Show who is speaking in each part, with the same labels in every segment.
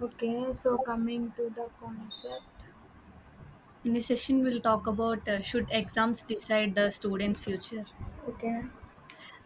Speaker 1: Okay, so coming to the concept.
Speaker 2: In this session, we'll talk about, should exams decide the student's future?
Speaker 1: Okay,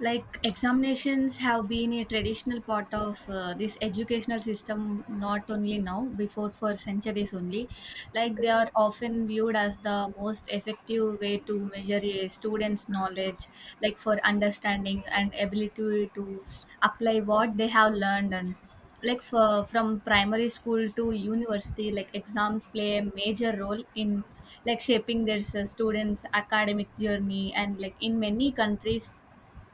Speaker 2: Like examinations have been a traditional part of this educational system, not only now, before for centuries only. Like they
Speaker 1: okay,
Speaker 2: are often viewed as the most effective way to measure a student's knowledge, like for understanding and ability to apply what they have learned. And like for, from primary school to university, like exams play a major role in like shaping their students' academic journey, and like in many countries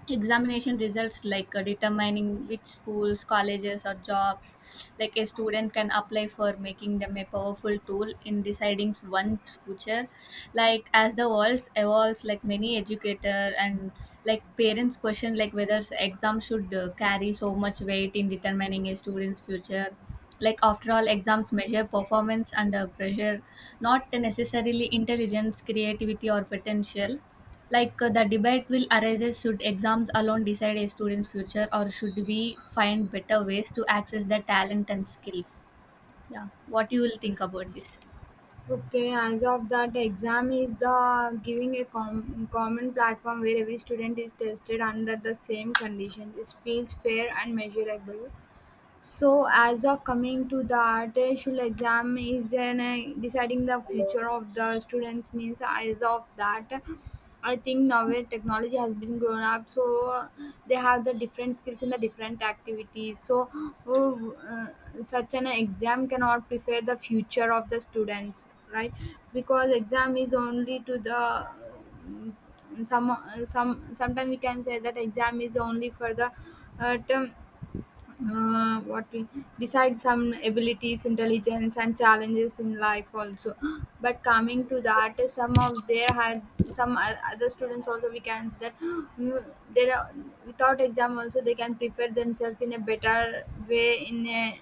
Speaker 2: examination results like determining which schools, colleges, or jobs like a student can apply for, making them a powerful tool in deciding one's future. Like as the world evolves, like many educator and like parents question like whether exam should carry so much weight in determining a student's future. Like after all, exams measure performance under pressure, not necessarily intelligence, creativity, or potential. Like the debate will arise: should exams alone decide a student's future, or should we find better ways to access their talent and skills? Yeah, what you will think about this?
Speaker 1: okay. As of that, exam is the giving a common platform where every student is tested under the same conditions. It feels fair and measurable. So, as of coming to the artificial exam, is then deciding the future of the students means as of that. I think now where technology has been grown up, so they have the different skills in the different activities. So, such an exam cannot prepare the future of the students, right? Because exam is only to the some sometimes we can say that exam is only for the term what we decide some abilities intelligence and challenges in life also but coming to that some of there had some other students also we can see that there are, without exam also they can prepare themselves in a better way in a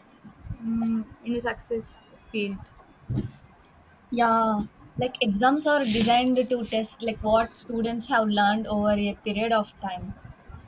Speaker 1: in a success.
Speaker 2: Yeah, like exams are designed to test like what students have learned over a period of time.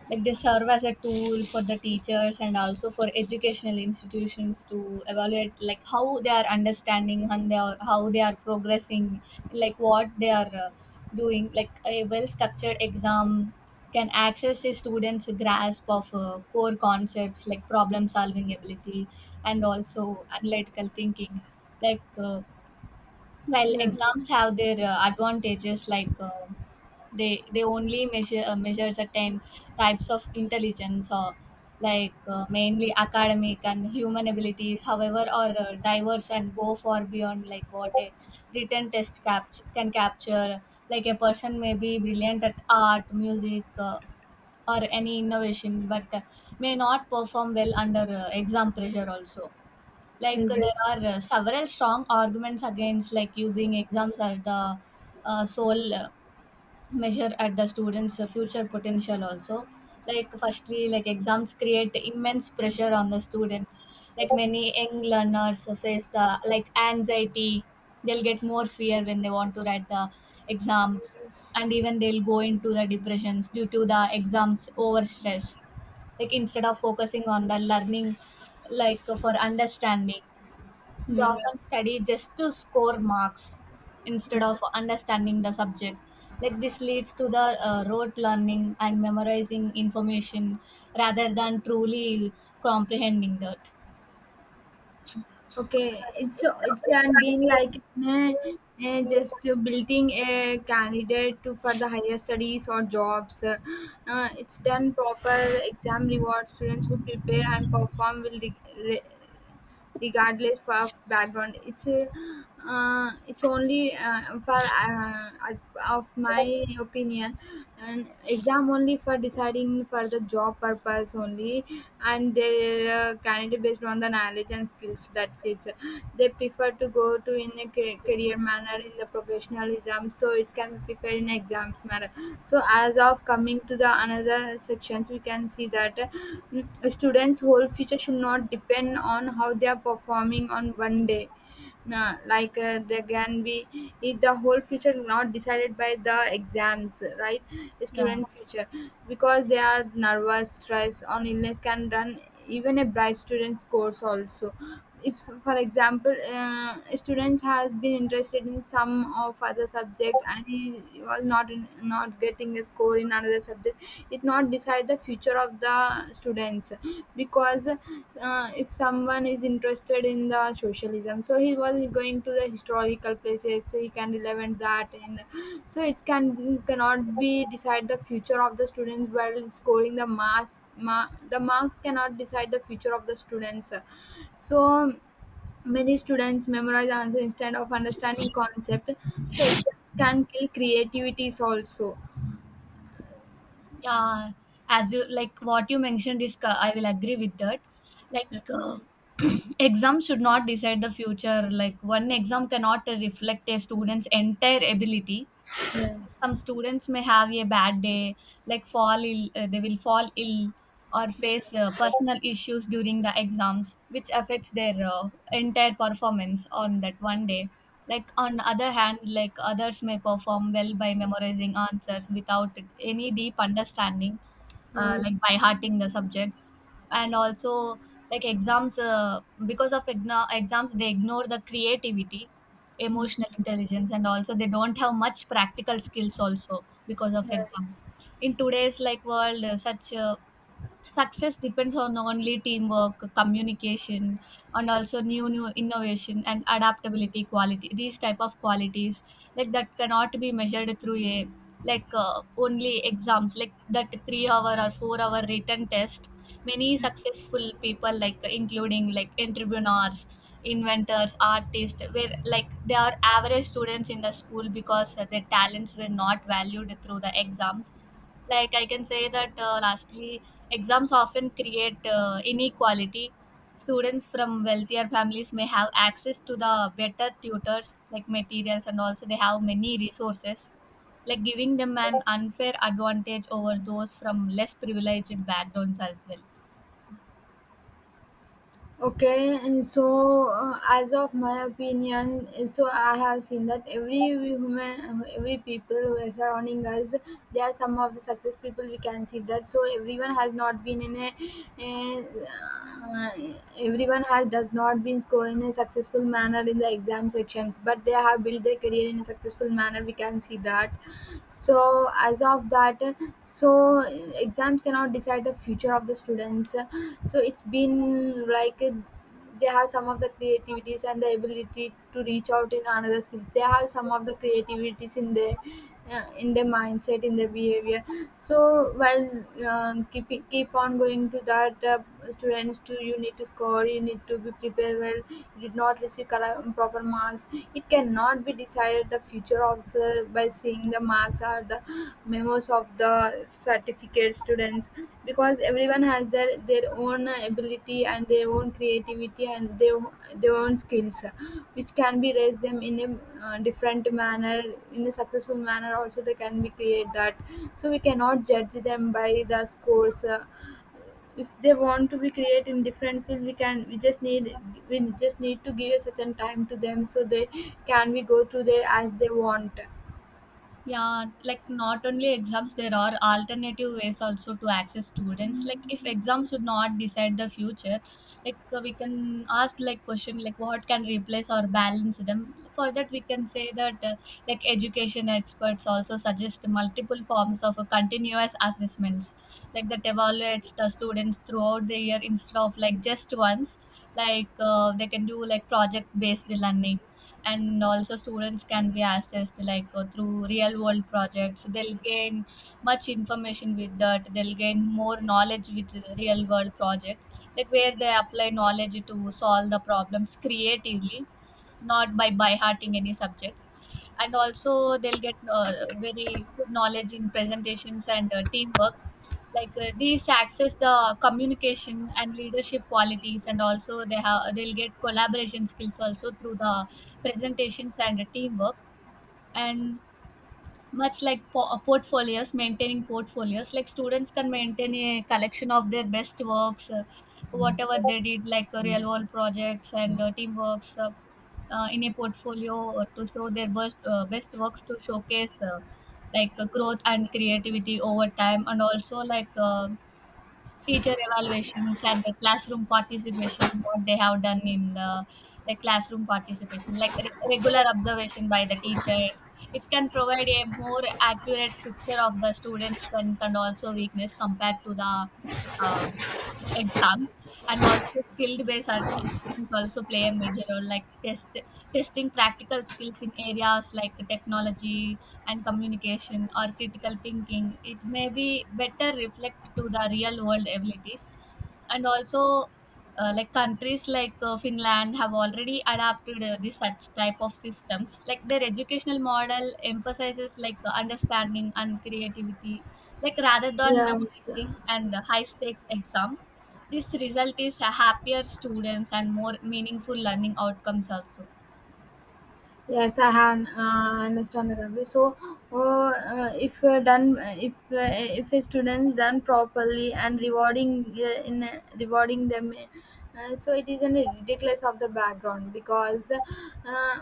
Speaker 2: Like they serve as a tool for the teachers and also for educational institutions to evaluate like how they are understanding and they are, how they are progressing, like what they are doing. Like a well-structured exam can access a student's grasp of core concepts like problem solving ability and also analytical thinking. Like while
Speaker 1: yes
Speaker 2: exams have their advantages, like they only measure certain types of intelligence, or like mainly academic and human abilities, however, are diverse and go far beyond like what a written test can capture. Like a person may be brilliant at art, music, or any innovation, but may not perform well under exam pressure also. like
Speaker 1: yes
Speaker 2: uh, there are several strong arguments against like using exams as the sole measure at the students' future potential also. Like firstly, like exams create immense pressure on the students. Like many young learners face the like anxiety. They'll get more fear when they want to write the exams,
Speaker 1: yes,
Speaker 2: and even they'll go into the depressions due to the exams over stress. Like instead of focusing on the learning, like for understanding. They
Speaker 1: yes.
Speaker 2: often study just to score marks instead of understanding the subject. Like this leads to the rote learning and memorizing information rather than truly comprehending that.
Speaker 1: Okay, it's and been like eh, just building a candidate to for the higher studies or jobs. It's done proper exam reward. Students who prepare and perform will regardless of background. It's only for as of my opinion and exam only for deciding for the job purpose only and they candidate based on the knowledge and skills, that's it they prefer to go to in a career manner in the professionalism, so it can be preferred in exams manner. So as of coming to the another sections we can see that students whole future should not depend on how they are performing on one day. Nah, like there can be if the whole future not decided by the exams, right?
Speaker 2: Yeah,
Speaker 1: Student future, because they are nervous stress on illness can run even a bright student's course also. If for example students has been interested in some of other subject and he was not in, not getting a score in another subject, it not decide the future of the students. Because if someone is interested in the socialism, so he was going to the historical places, he can relevant that in, so it can cannot be decide the future of the students while scoring the marks. The marks cannot decide the future of the students. So many students memorize answer instead of understanding concept. So exams can kill creativities also.
Speaker 2: yeah. As you like what you mentioned is, I will agree with that. Like uh, exams should not decide the future. Like one exam cannot reflect a student's entire ability.
Speaker 1: Yes,
Speaker 2: Some students may have a bad day, like fall ill, they will fall ill or face personal issues during the exams which affects their entire performance on that one day. Like on other hand, like others may perform well by memorizing answers without any deep understanding,
Speaker 1: yes.
Speaker 2: like by hearting the subject. And also like exams they ignore the creativity,
Speaker 1: Mm,
Speaker 2: emotional intelligence, and also they don't have much practical skills also because of
Speaker 1: Yes.
Speaker 2: exams. In today's like world, such success depends on only teamwork, communication, and also new innovation and adaptability quality, these type of qualities, like that cannot be measured through a like only exams like that 3 hour or 4-hour written test. Many successful people like including like entrepreneurs, inventors, artists, were like they are average students in the school because their talents were not valued through the exams. Like I can say that, lastly, exams often create inequality. Students from wealthier families may have access to the better tutors, like materials, and also they have many resources, like giving them an unfair advantage over those from less privileged backgrounds as well.
Speaker 1: Okay, and so as of my opinion, so I have seen that every human, every people who are surrounding us, they are some of the success people. We can see that. So everyone has not been in a, uh, everyone has does not been scored in a successful manner in the exam sections, but they have built their career in a successful manner. We can see that, so as of that, so exams cannot decide the future of the students. So it's been like they have some of the creativities and the ability to reach out in another skills. They have some of the creativities in their mindset, in their behavior. So while keep on going to that, students to you need to score, you need to be prepared well. You did not receive correct, proper marks, it cannot be decided the future of by seeing the marks or the memos of the certificate students. Because everyone has their own ability and their own creativity and their own skills, which can be raised them in a different manner, in a successful manner also they can be create that. So we cannot judge them by the scores. If they want to be create in different field, we just need to give a certain time to them, so they can we go through there as they want.
Speaker 2: Yeah, like not only exams, there are alternative ways also to access students. Like if exams would not decide the future, like we can ask like question like what can replace or balance them. For that, we can say that, like education experts also suggest multiple forms of continuous assessments, like that evaluates the students throughout the year instead of like just once. Like they can do like project based learning, and also students can be assessed like through real world projects. They'll gain much information with that, they'll gain more knowledge with real world projects, like where they apply knowledge to solve the problems creatively, not by hearting any subjects. And also they'll get very good knowledge in presentations and teamwork. Like these access the communication and leadership qualities, and also they'll get collaboration skills also through the presentations and teamwork. And much like portfolios, maintaining portfolios, like students can maintain a collection of their best works, whatever they did like real world projects and teamworks, in a portfolio or to show their best works to showcase, like growth and creativity over time. And also like teacher evaluations and the classroom participation, what they have done in the classroom participation, like regular observation by the teachers. It can provide a more accurate picture of the students' strength and also weakness compared to the um, exams. And also skill based assessments also play a major role, like testing practical skills in areas like technology and communication or critical thinking, it may be better reflect to the real world abilities. And also like countries like Finland have already adapted this such type of systems. Like their educational model emphasizes like understanding and creativity, like rather than
Speaker 1: Yes.
Speaker 2: memorizing and high stakes exam. This result is a happier students and more meaningful learning outcomes also.
Speaker 1: Yes, I have understand the company. So, if done, if a students done properly and rewarding in rewarding them, so it is an ridiculous of the background. Because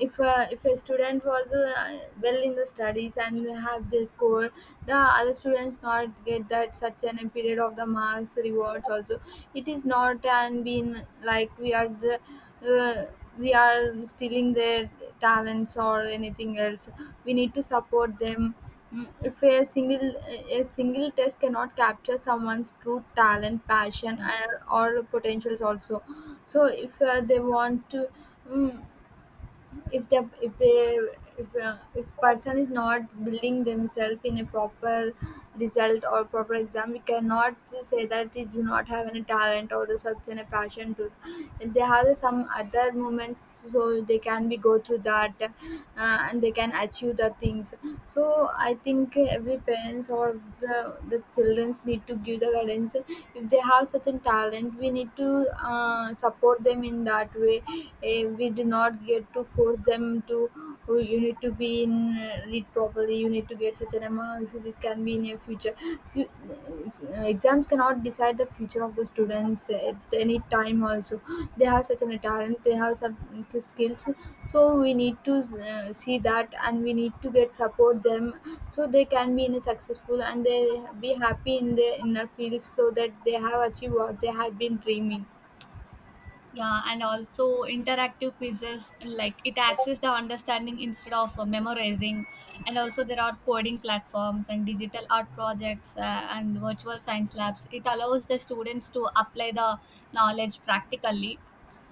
Speaker 1: if a student was well in the studies and have the score, the other students not get that such an a period of the marks rewards also. It is not and been like we are the. We are stealing their talents or anything else, we need to support them. Mm, if a single test cannot capture someone's true talent, passion, and, or potentials also. So if they want to mm, if the if they if person is not building themselves in a proper result or proper exam, we cannot say that they do not have any talent or the such and a passion to. They have some other moments, so they can be go through that, and they can achieve the things. So I think every parents or the childrens need to give the guidance. If they have such a talent, we need to support them in that way. Eh, we do not get to force them to, oh, you need to be in it properly, you need to get such an amount so this can be in your future. Fu- uh, exams cannot decide the future of the students at any time also. They have such a talent, they have some skills, so we need to see that and we need to get support them. So they can be in a successful and they be happy in their inner fields, so that they have achieved what they had been dreaming.
Speaker 2: Yeah, and also interactive quizzes like it access the understanding instead of memorizing. And also there are coding platforms and digital art projects, and virtual science labs it allows the students to apply the knowledge practically.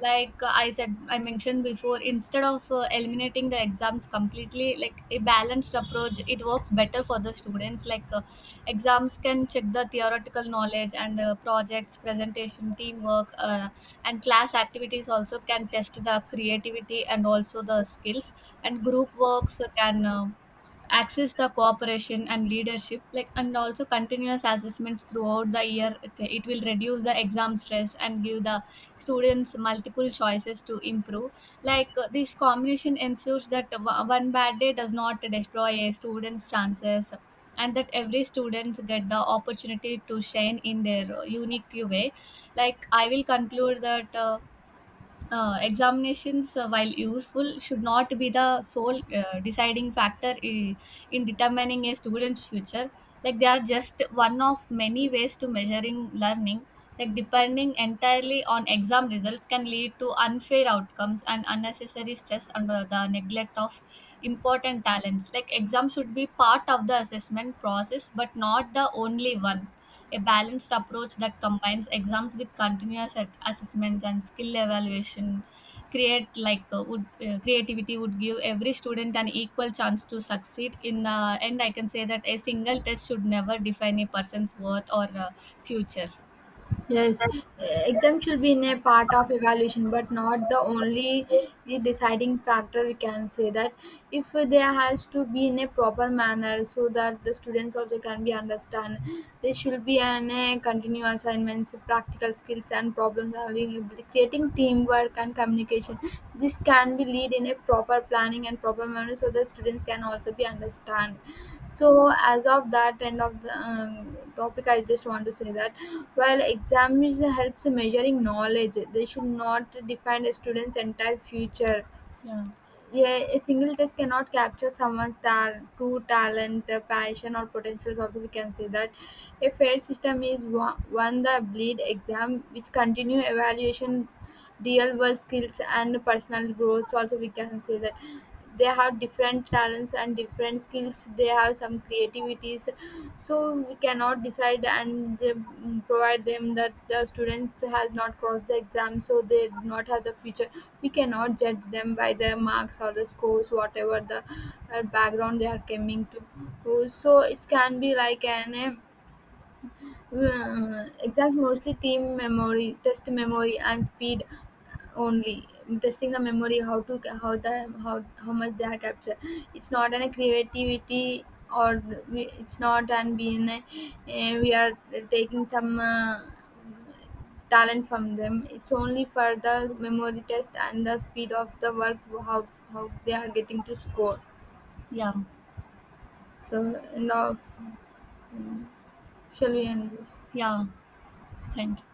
Speaker 2: Like I mentioned before, instead of eliminating the exams completely, like a balanced approach, it works better for the students. Like exams can check the theoretical knowledge and projects, presentation, teamwork, and class activities also can test the creativity and also the skills. And group works can access the cooperation and leadership, like, and also continuous assessments throughout the year, okay, it will reduce the exam stress and give the students multiple choices to improve. Like this combination ensures that one bad day does not destroy a student's chances, and that every student get the opportunity to shine in their unique way. Like I will conclude that examinations, while useful, should not be the sole deciding factor in determining a student's future. Like they are just one of many ways to measuring learning. Like depending entirely on exam results can lead to unfair outcomes and unnecessary stress under the neglect of important talents. Like exams should be part of the assessment process, but not the only one. A balanced approach that combines exams with continuous assessment and skill evaluation create like would creativity would give every student an equal chance to succeed. In the end, I can say that a single test should never define a person's worth or future.
Speaker 1: Yes, eh, exam should be in a part of evaluation, but not the only deciding factor. We can say that if there has to be in a proper manner so that the students also can be understand. There should be an a continuous assignments, practical skills, and problem solving, creating teamwork and communication. This can be lead in a proper planning and proper manner so the students can also be understand. So as of that, end of the topic, I just want to say that while examination helps in measuring knowledge, they should not define a student's entire future.
Speaker 2: Yeah,
Speaker 1: Yeah, a single test cannot capture someone's true talent, passion, or potentials. Also, we can say that a fair system is one, one the bleed exam, which continue evaluation, real world skills, and personal growth. Also, we can say that they have different talents and different skills. They have some creativities, so we cannot decide and provide them that the students has not crossed the exam, so they do not have the future. We cannot judge them by their marks or the scores, whatever the background they are coming to. So it can be like an it's mostly team memory, test memory, and speed only. Testing the memory, how to how the, how how much they are captured. It's not an creativity, or it's not and being a, eh, we are taking some talent from them. It's only for the memory test and the speed of the work, how how they are getting to score.
Speaker 2: yeah,
Speaker 1: So end of, mm, shall we end this?
Speaker 2: yeah. Thank you.